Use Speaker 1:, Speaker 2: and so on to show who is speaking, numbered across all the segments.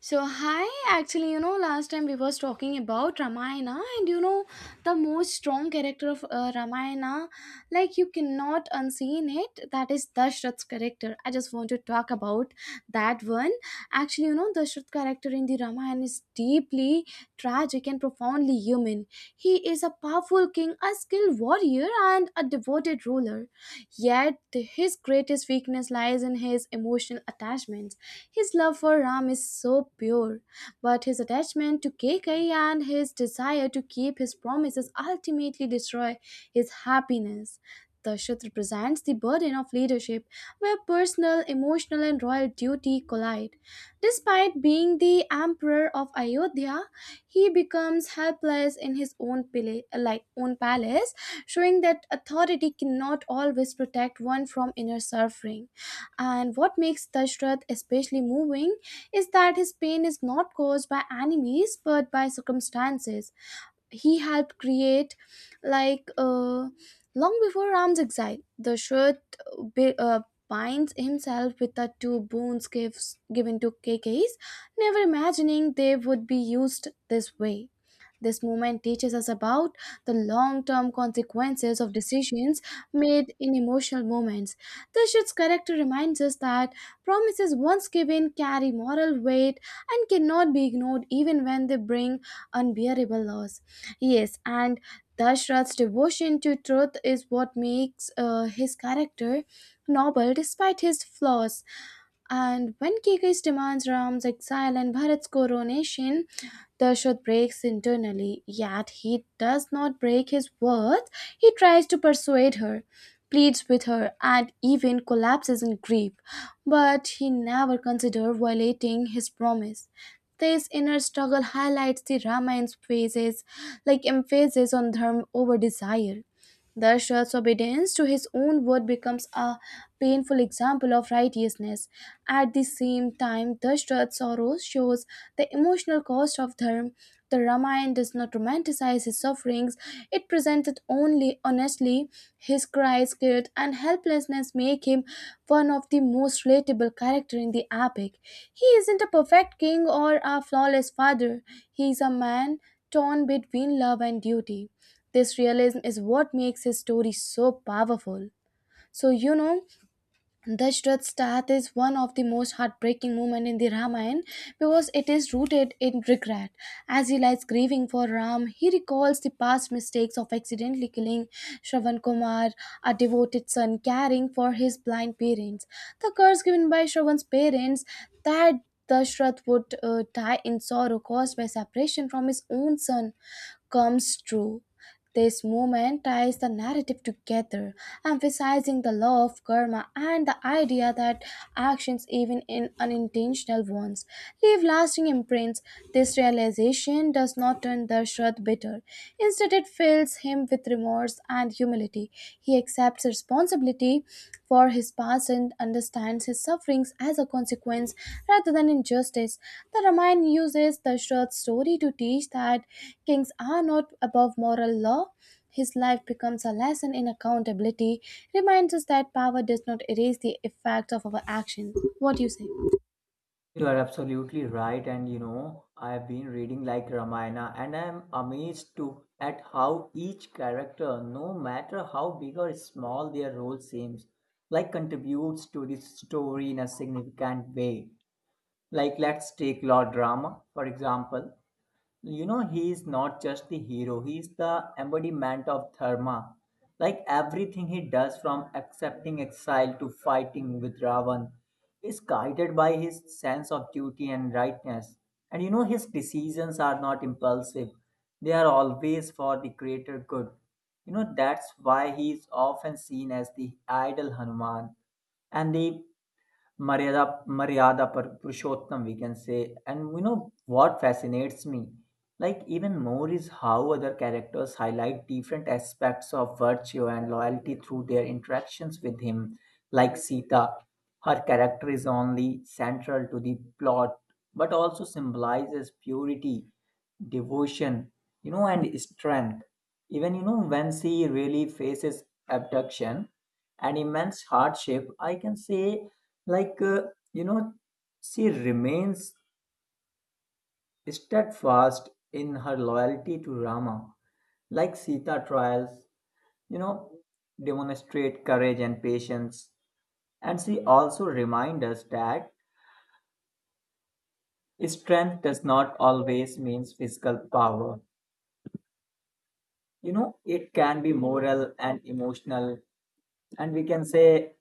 Speaker 1: So hi, actually, last time we was talking about Ramayana, and the most strong character of Ramayana, like you cannot unseen it. That is Dashrath's character. I just want to talk about that one. Actually, Dashrath character in the Ramayana is deeply tragic and profoundly human. He is a powerful king, a skilled warrior, and a devoted ruler. Yet his greatest weakness lies in his emotional attachments. His love for Ram is so pure, but his attachment to Kekai and his desire to keep his promises ultimately destroy his happiness. Dashrath represents the burden of leadership where personal, emotional, and royal duty collide. Despite being the emperor of Ayodhya, he becomes helpless in his own palace, showing that authority cannot always protect one from inner suffering. And what makes Dashrath especially moving is that his pain is not caused by enemies but by circumstances he helped create, like long before Ram's exile. Dashrath bi- uh, binds himself with the two boons gifts given to KKs, never imagining they would be used this way. This movement teaches us about the long term consequences of decisions made in emotional moments. This shift's character reminds us that promises once given carry moral weight and cannot be ignored even when they bring unbearable loss. Yes, and Dashrath's devotion to truth is what makes his character noble despite his flaws. And when Kikesh demands Ram's exile and Bharat's coronation, Dashrath breaks internally, yet he does not break his words. He tries to persuade her, pleads with her, and even collapses in grief. But he never considers violating his promise. This inner struggle highlights the Ramayan's phases, like emphasis on dharma over desire. Dashrath's obedience to his own word becomes a painful example of righteousness. At the same time, Dashrath's sorrow shows the emotional cost of dharma. The Ramayana does not romanticize his sufferings, it presented only honestly. His cries, guilt, and helplessness make him one of the most relatable characters in the epic. He isn't a perfect king or a flawless father, he is a man torn between love and duty. This realism is what makes his story so powerful. So, Dashrath's death is one of the most heartbreaking moments in the Ramayana because it is rooted in regret. As he lies grieving for Ram, he recalls the past mistakes of accidentally killing Shravan Kumar, a devoted son caring for his blind parents. The curse given by Shravan's parents that Dashrath would die in sorrow caused by separation from his own son comes true. This movement ties the narrative together, emphasizing the law of karma and the idea that actions, even in unintentional ones, leave lasting imprints. This realization does not turn Dashrath bitter. Instead, it fills him with remorse and humility. He accepts responsibility empathy for his past and understands his sufferings as a consequence rather than injustice. The Ramayana uses Dashrath's story to teach that kings are not above moral law. His life becomes a lesson in accountability, reminds us that power does not erase the effects of our actions. What do you say?
Speaker 2: You are absolutely right, and you know, I've been reading like Ramayana, and I'm amazed to at how each character, no matter how big or small their role seems, like contributes to the story in a significant way. Like let's take Lord Rama, for example, you know, he is not just the hero, he is the embodiment of dharma, like everything he does from accepting exile to fighting with ravan is guided by his sense of duty and rightness. And you know his decisions are not impulsive, they are always for the greater good. You know that's why he is often seen as the idol hanuman and the Purushottam, we can say. And you know what fascinates me? Like even more is how other characters highlight different aspects of virtue and loyalty through their interactions with him. Like Sita, her character is only central to the plot, but also symbolizes purity, devotion, you know, and strength. Even you know when she really faces abduction and immense hardship, I can say, like, uh, you know, she remains steadfast in her loyalty to Rama. Like Sita trials, you know, demonstrate courage and patience. And she also reminds us that strength does not always means physical power. You know, it can be moral and emotional, and we can say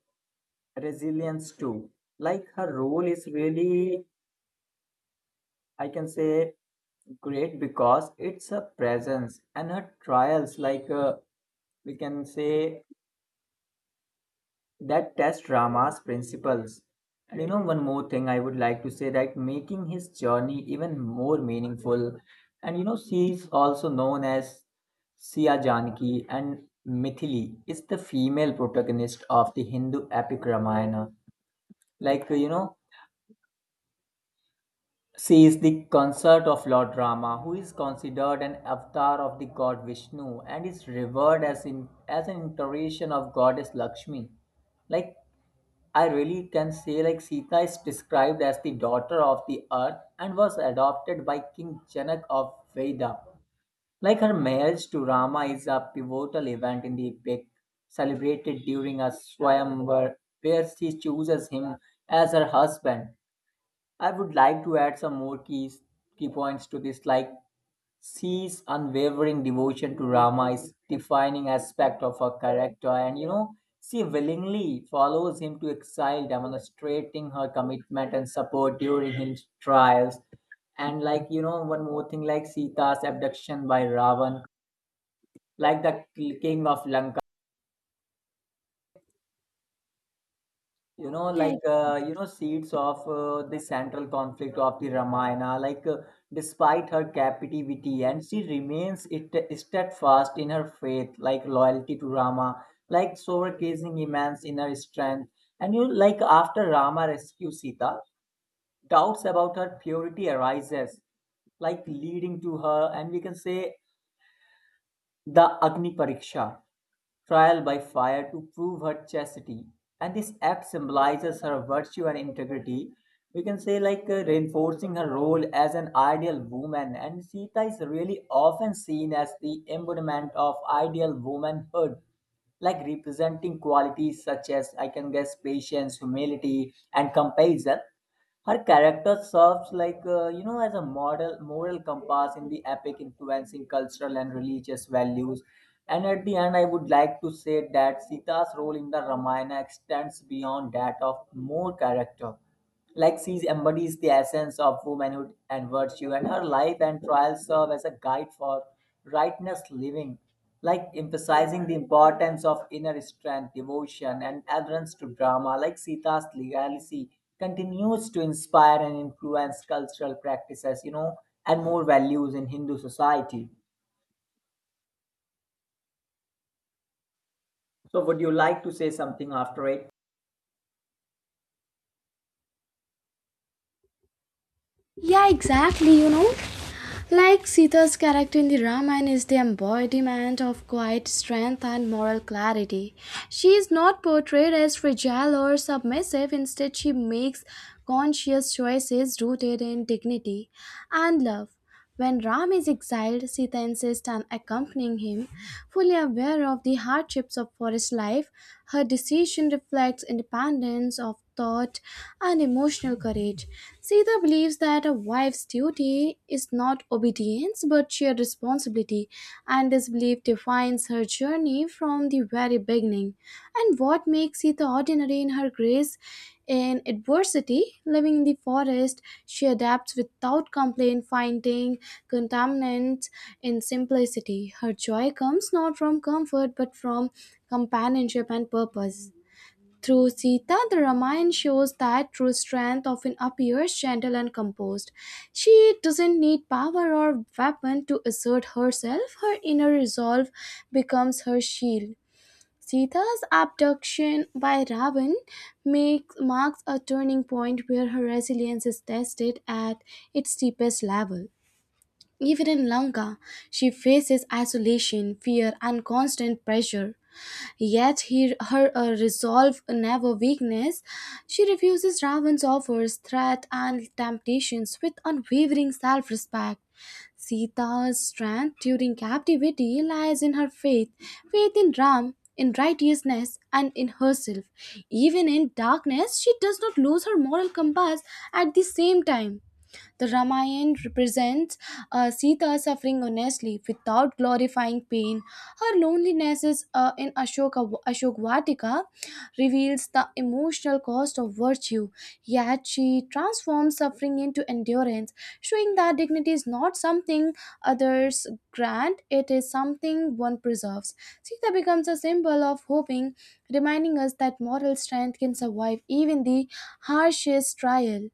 Speaker 2: resilience too. Like her role is really, I can say, great because it's a presence and a trials we can say that test Rama's principles. And you know one more thing I would like to say that making his journey even more meaningful. And you know she's also known as Siya Janaki, and Mithili is the female protagonist of the Hindu epic Ramayana. Like, you know, she is the consort of Lord Rama, who is considered an avatar of the god Vishnu and is revered as, in, as an iteration of goddess Lakshmi. Like, I really can say, like, Sita is described as the daughter of the earth and was adopted by King Janak of Veda. Like, her marriage to Rama is a pivotal event in the epic, celebrated during a swayamvar where she chooses him as her husband. I would like to add some more keys, key points to this, like C's unwavering devotion to Rama is defining aspect of her character, and you know, she willingly follows him to exile, demonstrating her commitment and support during his trials. And like you know, one more thing, like Sita's abduction by Ravan, like the king of Lanka. you know
Speaker 1: Yeah,
Speaker 2: like uh, you know seeds of the central conflict of the ramayana despite her captivity, and she remains it- steadfast in her faith, like loyalty to rama, like showcasing immense inner strength. And you like after rama rescues sita, doubts about her purity arises, like leading to her, and we can say the agni pariksha, trial by fire to prove her chastity. And this act symbolizes her virtue and integrity. We can say, reinforcing her role as an ideal woman. And Sita is really often seen as the embodiment of ideal womanhood, like representing qualities such as, I can guess, patience, humility, and compassion. Her character serves you know as a model moral compass in the epic, influencing cultural and religious values. And at the end, I would like to say that Sita's role in the Ramayana extends beyond that of more character. Like she embodies the essence of womanhood and virtue, and her life and trials serve as a guide for righteous living, like emphasizing the importance of inner strength, devotion, and adherence to drama, like Sita's legacy continues to inspire and influence cultural practices, you know, and more values in Hindu society. So, would you like to say something after it?
Speaker 1: yeah, exactly. Like Sita's character in the Ramayana is the embodiment of quiet strength and moral clarity. She is not portrayed as fragile or submissive, instead, she makes conscious choices rooted in dignity and love. When Ram is exiled, Sita insists on accompanying him, fully aware of the hardships of forest life, her decision reflects independence of thought and emotional courage. Sita believes that a wife's duty is not obedience but sheer responsibility, and this belief defines her journey from the very beginning. And what makes Sita ordinary in her grace in adversity, living in the forest, she adapts without complaint, finding contaminants in simplicity. Her joy comes not from comfort but from companionship and purpose. Through Sita, the Ramayana shows that true strength often appears gentle and composed. She doesn't need power or weapon to assert herself. Her inner resolve becomes her shield. Sita's abduction by Ravan marks a turning point where her resilience is tested at its deepest level. Even in Lanka, she faces isolation, fear, and constant pressure. Yet her resolve never weakness. She refuses Ravan's offers, threat, and temptations with unwavering self-respect. Sita's strength during captivity lies in her faith, faith in Ram, in righteousness, and in herself. Even in darkness, she does not lose her moral compass. At the same time, the Ramayana represents Sita suffering honestly without glorifying pain. Her loneliness in Ashok reveals the emotional cost of virtue, yet she transforms suffering into endurance, showing that dignity is not something others grant, it is something one preserves. Sita becomes a symbol of hoping, reminding us that moral strength can survive even the harshest trial.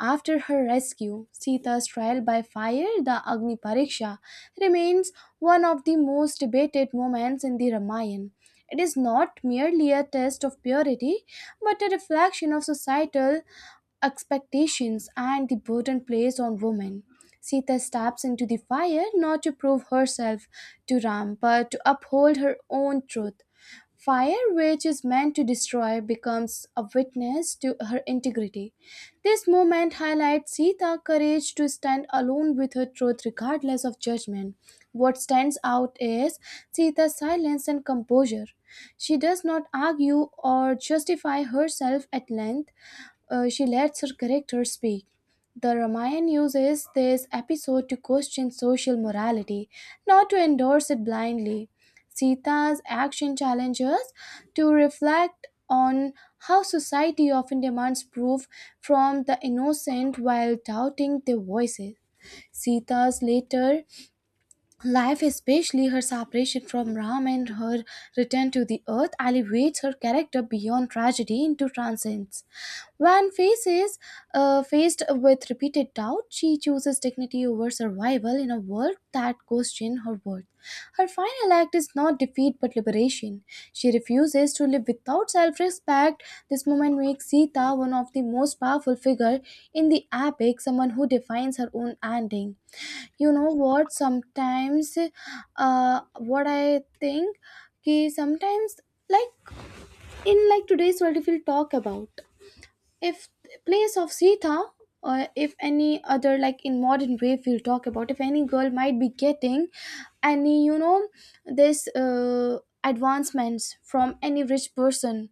Speaker 1: After her rescue, Sita's trial by fire, the Agni Pariksha, remains one of the most debated moments in the Ramayana. It is not merely a test of purity, but a reflection of societal expectations and the burden placed on women. Sita steps into the fire not to prove herself to Ram but to uphold her own truth. Fire, which is meant to destroy, becomes a witness to her integrity. This moment highlights Sita's courage to stand alone with her truth regardless of judgment. What stands out is Sita's silence and composure. She does not argue or justify herself at length. She lets her characters speak. The Ramayana uses this episode to question social morality, not to endorse it blindly. Sita's action challenges to reflect on how society often demands proof from the innocent while doubting their voices. Sita's later life, especially her separation from Ram and her return to the earth, elevates her character beyond tragedy into transcendence. When faced with repeated doubt, she chooses dignity over survival in a world that questions her worth. Her final act is not defeat but liberation. She refuses to live without self respect. This moment makes Sita one of the most powerful figures in the epic, someone who defines her own ending. You know what? Sometimes, what I think, ki sometimes, like, in, like, today's world, if we'll talk about, if place of Sita, or if any other, like, in modern way, if we'll talk about, if any girl might be getting any, this, advancements from any rich person,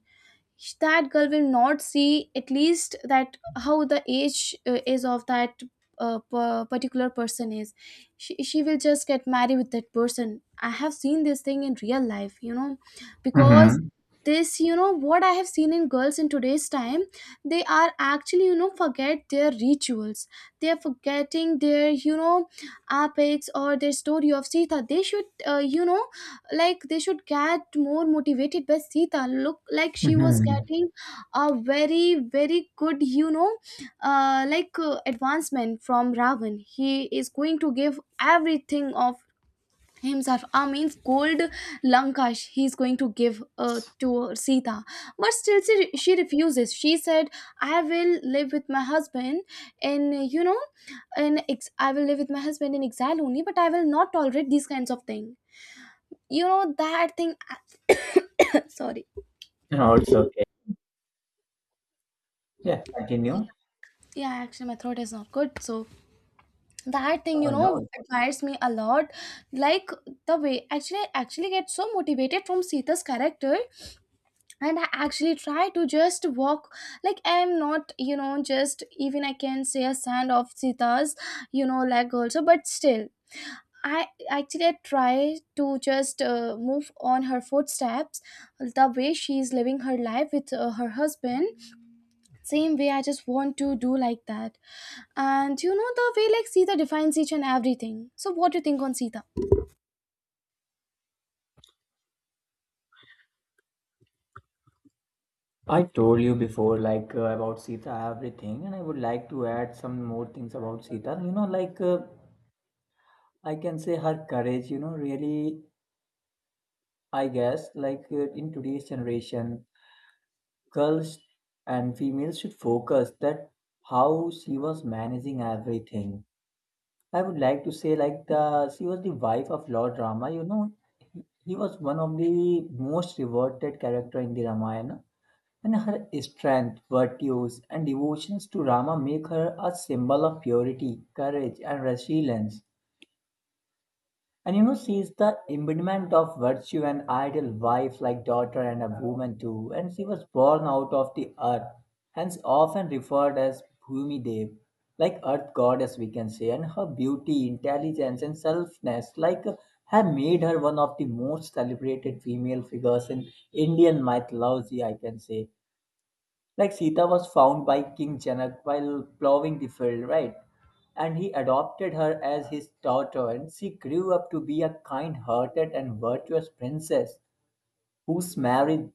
Speaker 1: that girl will not see at least that how the age is of that particular person is, she will just get married with that person. I have seen this thing in real life. Because this, what I have seen in girls in today's time, they are actually, forget their rituals, they are forgetting their, epics or their story of Sita. They should uh, you know like they should get more motivated by Sita. Look, like she was
Speaker 2: Mhm.
Speaker 1: getting a very very good, like advancement from Ravan. He is going to give everything of himself, I means gold, Lankash he's going to give to Sita, but still she refuses. She said, I will live with my husband. And in I will live with my husband in exile only, but I will not tolerate these kinds of things. You know that thing. Sorry.
Speaker 2: No, it's okay. Yeah,
Speaker 1: Yeah.
Speaker 2: continue.
Speaker 1: Yeah, actually my throat is not good, so that thing you
Speaker 2: Oh
Speaker 1: know
Speaker 2: no.
Speaker 1: Admires me a lot. Like, the way, actually I actually get so motivated from Sita's character, and I actually try to just walk, like I am not, you know, just even I can say a sand of Sita's, you know, like also, but still I actually I try to just move on her footsteps. The way she is living her life with her husband, same way I just want to do like that. And you know the way like Sita defines each and everything. So what do you think on Sita?
Speaker 2: I told you before, about Sita, everything, and I would like to add some more things about Sita. You know, I can say her courage, you know, really I guess, in today's generation, girls and females should focus that how she was managing everything. I would like to say, like the she was the wife of Lord Rama. You know, he was one of the most revered character in the Ramayana, and her strength, virtues, and devotions to Rama make her a symbol of purity, courage, and resilience. And you know, she is the embodiment of virtue, an ideal wife, like daughter, and a woman too. And she was born out of the earth, hence often referred as Bhumi Dev, like earth goddess, we can say. And her beauty, intelligence, and selfness, have made her one of the most celebrated female figures in Indian mythology, I can say, like Sita was found by King Janak while plowing the field, right? And he adopted her as his daughter, and she grew up to be a kind hearted and virtuous princess whose marriage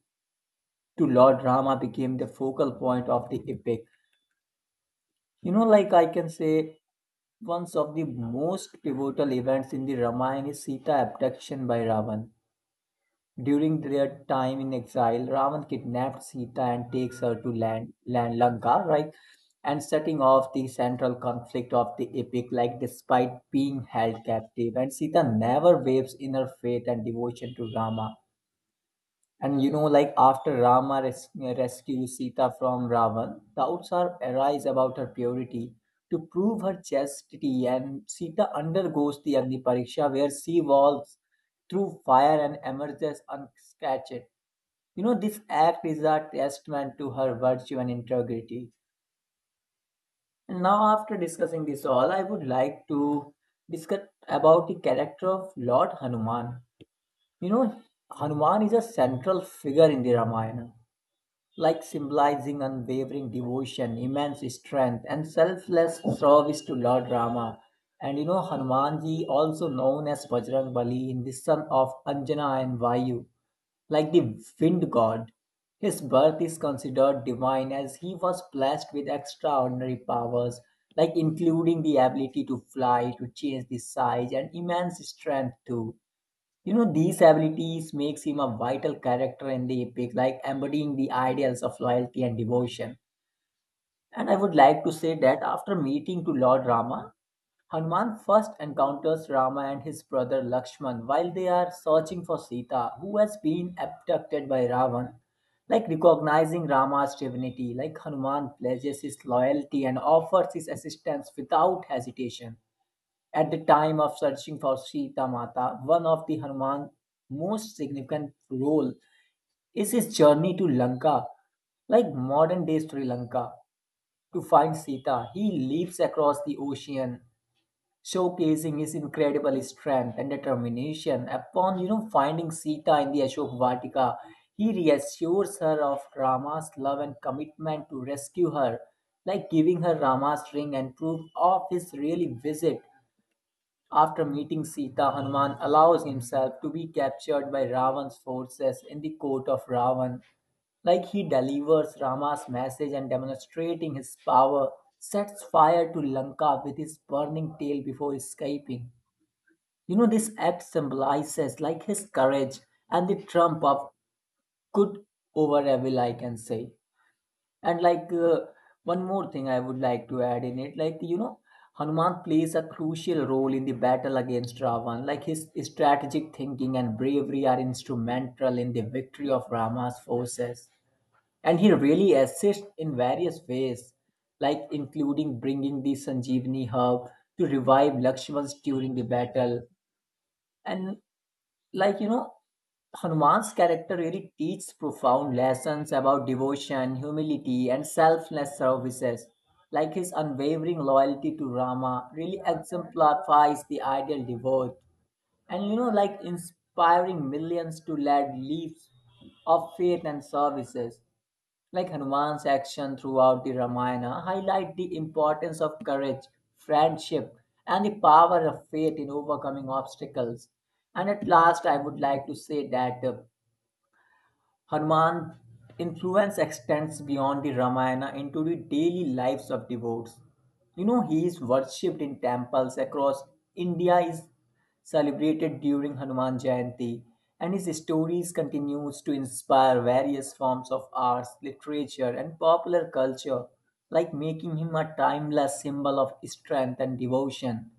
Speaker 2: to Lord Rama became the focal point of the epic. You know, like I can say, one of the most pivotal events in the Ramayana is Sita abduction by Ravan. During their time in exile, Ravan kidnaps Sita and takes her to land Lanka, right? And setting off the central conflict of the epic, like despite being held captive. And Sita never waves in her faith and devotion to Rama. And you know, like after Rama res- rescues Sita from Ravan, doubts are arise about her purity. To prove her chastity, and Sita undergoes the Agni Pariksha, where she walks through fire and emerges unscathed. You know, this act is a testament to her virtue and integrity. And now, after discussing this all, I would like to discuss about the character of Lord Hanuman. You know, Hanuman is a central figure in the Ramayana, like symbolizing unwavering devotion, immense strength, and selfless service to Lord Rama. And you know, Hanumanji, also known as Bajrang Bali, in the son of Anjana and Vayu, like the wind god. His birth is considered divine as he was blessed with extraordinary powers, like including the ability to fly, to change the size, and immense strength too. You know, these abilities makes him a vital character in the epic, like embodying the ideals of loyalty and devotion. And I would like to say that after meeting to Lord Rama, Hanuman first encounters Rama and his brother Lakshman while they are searching for Sita, who has been abducted by Ravan. Like recognizing Rama's divinity, like Hanuman pledges his loyalty and offers his assistance without hesitation. At the time of searching for Sita Mata, one of the Hanuman's most significant role is his journey to Lanka, like modern day Sri Lanka. To find Sita, he leaps across the ocean, showcasing his incredible strength and determination. Upon you know finding Sita in the Ashok Vatika, he reassures her of Rama's love and commitment to rescue her, like giving her Rama's ring and proof of his really visit. After meeting Sita, Hanuman allows himself to be captured by Ravan's forces in the court of Ravan. Like he delivers Rama's message and demonstrating his power, sets fire to Lanka with his burning tail before escaping. You know, this act symbolizes like his courage and the trump of good over evil, I can say. And one more thing I would like to add in it, like you know, Hanuman plays a crucial role in the battle against Ravan. Like his strategic thinking and bravery are instrumental in the victory of Rama's forces. And he really assists in various ways, like including bringing the Sanjeevani herb to revive Lakshman during the battle. And like you know Hanuman's character really teaches profound lessons about devotion, humility, and selfless services. Like his unwavering loyalty to Rama really exemplifies the ideal devote, and you know, like inspiring millions to lead lives of faith and services. Like Hanuman's action throughout the Ramayana highlight the importance of courage, friendship, and the power of faith in overcoming obstacles. And at last, I would like to say that Hanuman's influence extends beyond the Ramayana into the daily lives of devotees. You know, he is worshipped in temples across India, is celebrated during Hanuman Jayanti, and his stories continues to inspire various forms of arts, literature, and popular culture, like making him a timeless symbol of strength and devotion.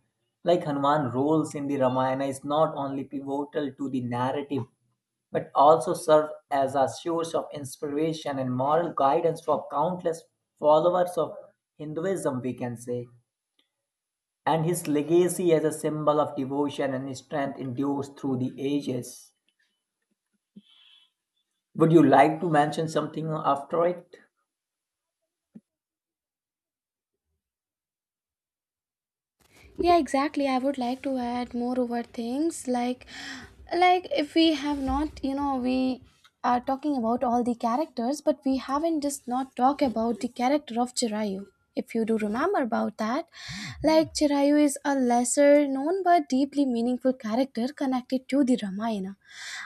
Speaker 2: Like Hanuman roles in the Ramayana is not only pivotal to the narrative but also served as a source of inspiration and moral guidance for countless followers of Hinduism, we can say. And his legacy as a symbol of devotion and strength endures through the ages. Would you like to mention something after it?
Speaker 1: Yeah, exactly. I would like to add more over things, like if we have not, we are talking about all the characters, but we haven't just not talk about the character of Chirayu. If you do remember about that, like Chirayu is a lesser known but deeply meaningful character connected to the Ramayana.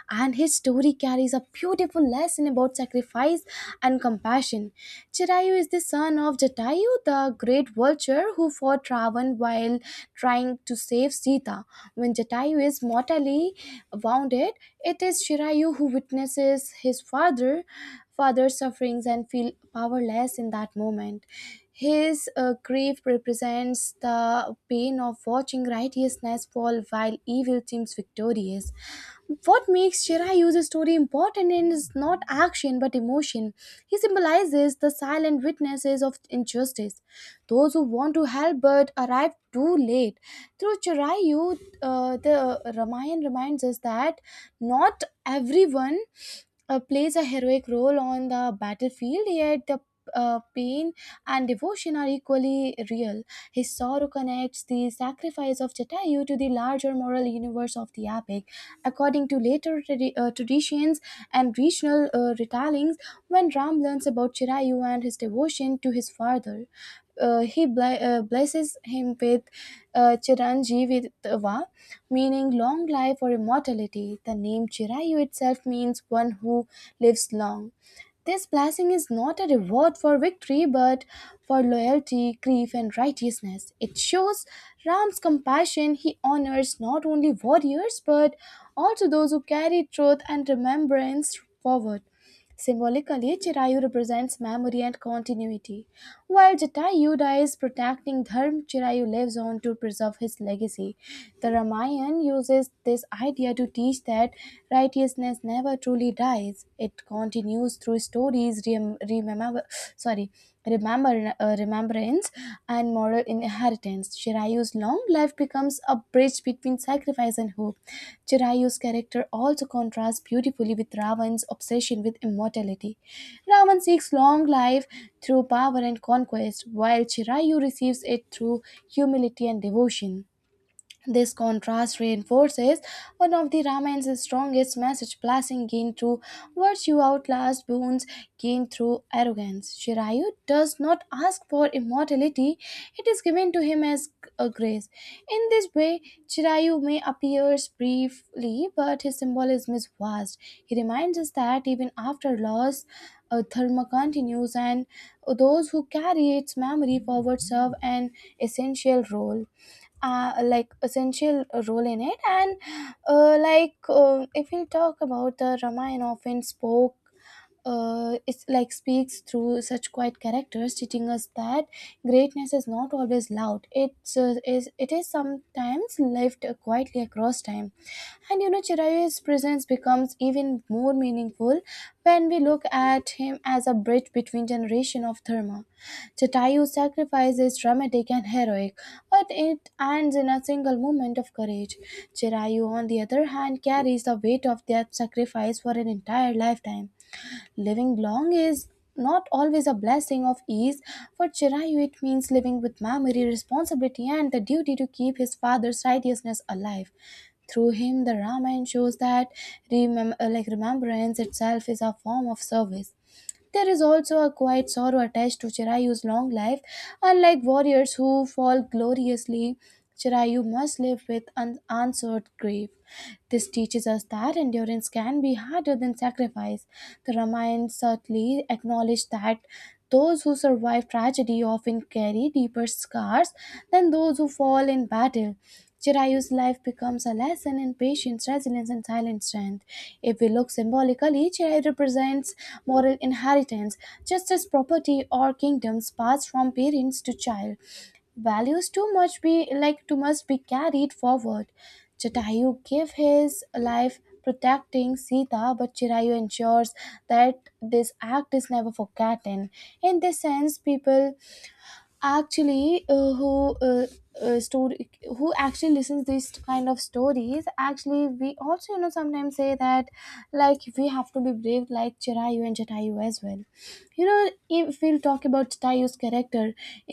Speaker 1: And his story carries a beautiful lesson about sacrifice and compassion. Chirayu is the son of Jatayu, the great vulture who fought Ravan while trying to save Sita. When Jatayu is mortally wounded, it is Chirayu who witnesses his father's sufferings and feel powerless in that moment. His grief represents the pain of watching righteousness fall while evil seems victorious. What makes Shirayu's story important is not action but emotion. He symbolizes the silent witnesses of injustice, those who want to help but arrive too late. Through Chirayu, the Ramayana reminds us that not everyone plays a heroic role on the battlefield, yet the pain and devotion are equally real. His sorrow connects the sacrifice of Jatayu to the larger moral universe of the epic. According to later traditions and regional retellings, when Ram learns about Chirayu and his devotion to his father, he blesses him with Chiranjeevitva, meaning long life or immortality. The name Chirayu itself means one who lives long. This blessing is not a reward for victory but for loyalty, grief, and righteousness. It shows Ram's compassion. He honors not only warriors but also those who carry truth and remembrance forward. Symbolically, Chirayu represents memory and continuity. While Jatayu dies protecting Dharma, Chirayu lives on to preserve his legacy. The Ramayana uses this idea to teach that righteousness never truly dies. It continues through stories sorry, remembrance and moral inheritance. Chirayu's long life becomes a bridge between sacrifice and hope. Chirayu's character also contrasts beautifully with Ravan's obsession with immortality. Ravan seeks long life through power and conquest, while Chirayu receives it through humility and devotion. This contrast reinforces one of the Ramayan's strongest message, blessing gained through virtue outlasts boons gained througgu arrogance. Shirayu does not ask for immortality, it is given to him as a grace. In this way, Shirayu may appears briefly, but his symbolism is vast. He reminds us that even after loss, dharma continues, and those who carry its memory forward serve an essential role like essential role in it, and if we talk about, the Ramayana often spoke, it's like, speaks through such quiet characters, teaching us that greatness is not always loud. It is sometimes lived quietly across time. And you know, Chirayu's presence becomes even more meaningful when we look at him as a bridge between generation of dharma. Jatayu's sacrifice is dramatic and heroic, but it ends in a single moment of courage. Chirayu, on the other hand, carries the weight of that sacrifice for an entire lifetime. Living long is not always a blessing of ease. For Chirayu, it means living with memory, responsibility, and the duty to keep his father's righteousness alive. Through him, the Ramayana shows that remembrance itself is a form of service. There is also a quiet sorrow attached to Chirayu's long life. Unlike warriors who fall gloriously, Chirayu must live with unanswered grief. This teaches us that endurance can be harder than sacrifice. The Ramayana certainly acknowledged that those who survive tragedy often carry deeper scars than those who fall in battle. Chirayu's life becomes a lesson in patience, resilience, and silent strength. If we look symbolically, Chirayu represents moral inheritance, just as property or kingdoms pass from parents to child, values too much be like too much be carried forward. Jatayu gave his life protecting Sita, but Chirayu ensures that this act is never forgotten. In this sense, people actually, uh, story who actually listens these kind of stories, actually we also, you know, sometimes say that like we have to be brave like Chirayu and Jatayu as well. You know, if we'll talk about Jatayu's character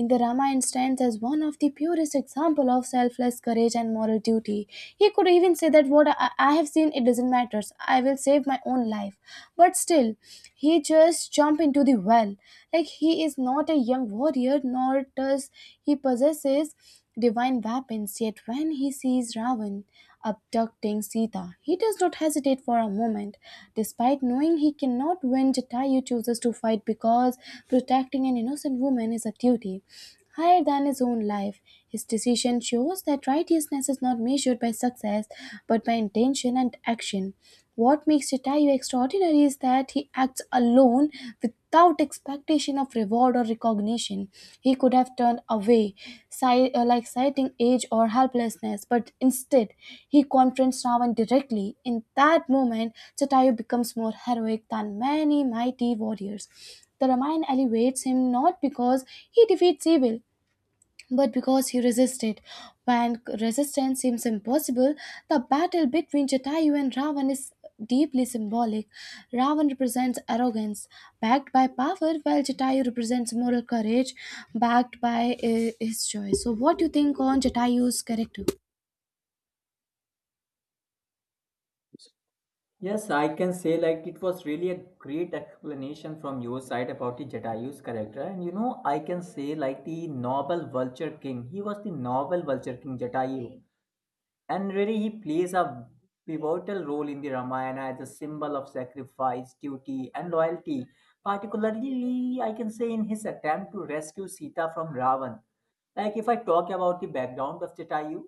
Speaker 1: in the Ramayana, stands as one of the purest example of selfless courage and moral duty. He could even say that what I have seen, it doesn't matter, I will save my own life, but still he just jump into the well. Like, he is not a young warrior, nor does he possesses divine weapons. Yet when he sees Ravan abducting Sita, he does not hesitate for a moment. Despite knowing he cannot win, Jatayu chooses to fight because protecting an innocent woman is a duty higher than his own life. His decision shows that righteousness is not measured by success but by intention and action. What makes Jatayu extraordinary is that he acts alone without expectation of reward or recognition. He could have turned away, citing age or helplessness, but instead he confronts Ravan directly. In that moment, Jatayu becomes more heroic than many mighty warriors. The Ramayana elevates him not because he defeats evil, but because he resisted when resistance seems impossible. The battle between Jatayu and Ravan is deeply symbolic. Ravan represents arrogance, backed by power, while Jatayu represents moral courage, backed by his choice. So, what do you think on Jatayu's character?
Speaker 2: Yes, I can say like it was really a great explanation from your side about the Jatayu's character. And you know, I can say like the noble vulture king. He was the noble vulture king Jatayu. And really, he plays a pivotal role in the Ramayana as a symbol of sacrifice, duty, and loyalty. Particularly, I can say in his attempt to rescue Sita from Ravan. Like, if I talk about the background of Jatayu,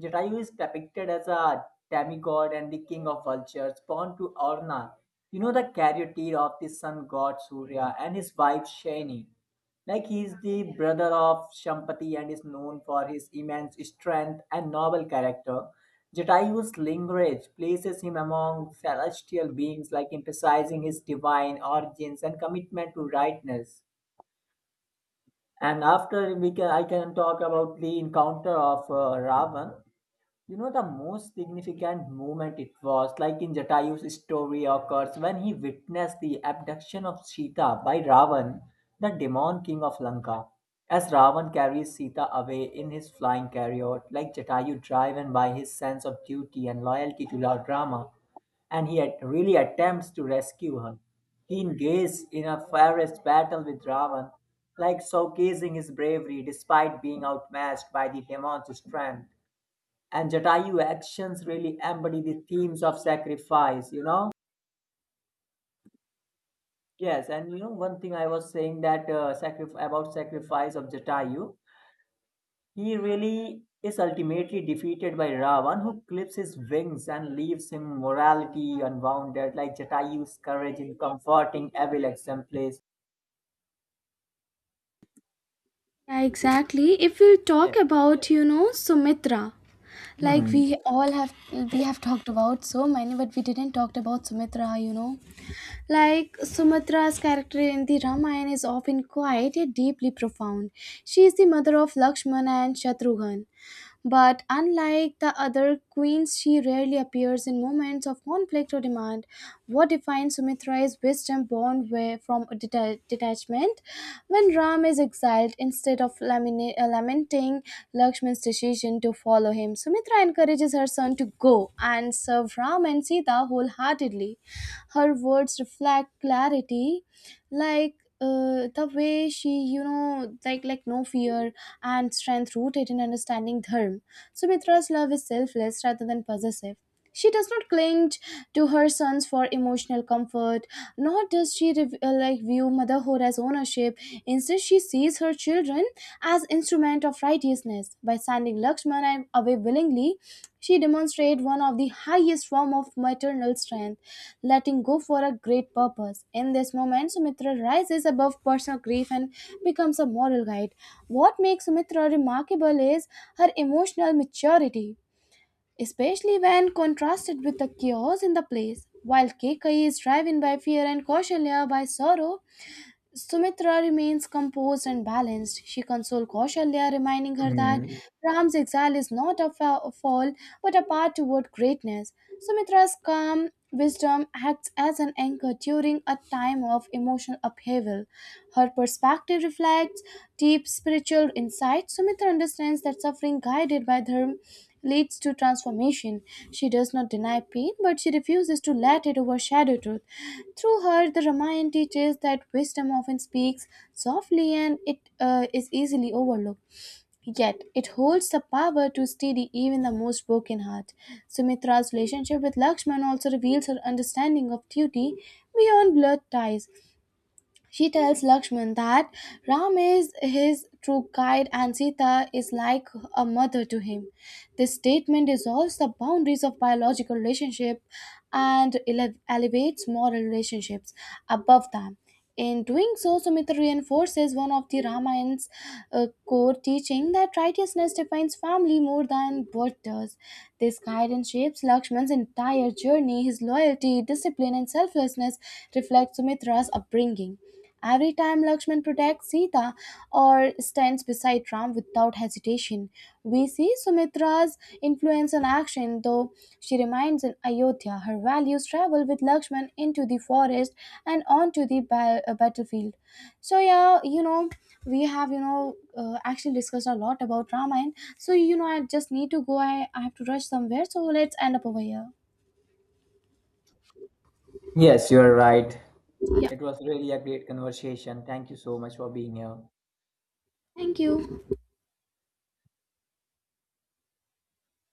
Speaker 2: Jatayu is depicted as a demigod and the king of vultures, born to Arna, you know, the charioteer of the sun god Surya and his wife Shani. Like he's the brother of Shampati and is known for his immense strength and noble character. Jatayu's language places him among celestial beings, like emphasizing his divine origins and commitment to rightness. And after we can, I can talk about the encounter of Ravan. You know, the most significant moment it was like in Jatayu's story occurs when he witnessed the abduction of Sita by Ravan, the demon king of Lanka. As Ravan carries Sita away in his flying chariot, like Jatayu driven by his sense of duty and loyalty to Lord Rama, and he at- really attempts to rescue her. He engages in a fierce battle with Ravan, like showcasing his bravery despite being outmatched by the demon's strength. And Jatayu actions really embody the themes of sacrifice, you know. Yes, and you know one thing I was saying that about sacrifice of Jatayu, he really is ultimately defeated by Ravan, who clips his wings and leaves him morality unwounded, like Jatayu's courage in comforting evil exemplifies.
Speaker 1: Yeah, exactly. If we
Speaker 2: Yes.
Speaker 1: talk about, you know, Sumitra, like
Speaker 2: Mhm.
Speaker 1: we have talked about so many, but we didn't talk about Sumitra, you know. Like Sumatra's character in the Ramayana is often quiet yet deeply profound. She is the mother of Lakshmana and Shatrughan. But unlike the other queens, she rarely appears in moments of conflict or demand. What defines Sumitra is wisdom born where from a detachment. When Ram is exiled, instead of lamenting Lakshman's decision to follow him, Sumitra encourages her son to go and serve Ram and Sita wholeheartedly. Her words reflect clarity, like, the way she, you know, like no fear and strength rooted in understanding dharma. Sumitra's love is selfless rather than possessive. She does not cling to her sons for emotional comfort, nor does she view motherhood as ownership. Instead, she sees her children as instrument of righteousness. By sending Lakshmana away willingly, she demonstrated one of the highest form of maternal strength, letting go for a great purpose. In this moment, Sumitra rises above personal grief and becomes a moral guide. What makes Sumitra remarkable is her emotional maturity, especially when contrasted with the chaos in the place. While Kekai is driven by fear and Kausalya by sorrow, Sumitra remains composed and balanced. She consoles Kausalya, reminding her that
Speaker 2: Mhm.
Speaker 1: Ram's exile is not a fall but a path toward greatness. Sumitra's calm wisdom acts as an anchor during a time of emotional upheaval. Her perspective reflects deep spiritual insight. Sumitra understands that suffering guided by dharma leads to transformation. She does not deny pain, but she refuses to let it overshadow truth. Through her, the Ramayana teaches that wisdom often speaks softly and it is easily overlooked. Yet, it holds the power to steady even the most broken heart. Sumitra's relationship with Lakshman also reveals her understanding of duty beyond blood ties. She tells Lakshman that Ram is his true guide and Sita is like a mother to him. This statement dissolves the boundaries of biological relationship and elevates moral relationships above them. In doing so, Sumitra reinforces one of the Ramayana's core teaching that righteousness defines family more than birth does. This guidance shapes Lakshman's entire journey. His loyalty, discipline, and self selflessness reflects Sumitra's upbringing. Every time Lakshman protects Sita or stands beside Ram without hesitation, we see Sumitra's influence and action, though she remains in Ayodhya. Her values travel with Lakshman into the forest and onto the battlefield. So, yeah, you know, we have, you know, actually discussed a lot about Ramayana. So, you know, I just need to go. I have to rush somewhere. So, let's end up over here.
Speaker 2: Yes, you are right.
Speaker 1: Yeah.
Speaker 2: It was really a great conversation. Thank you so much for being here.
Speaker 1: Thank you.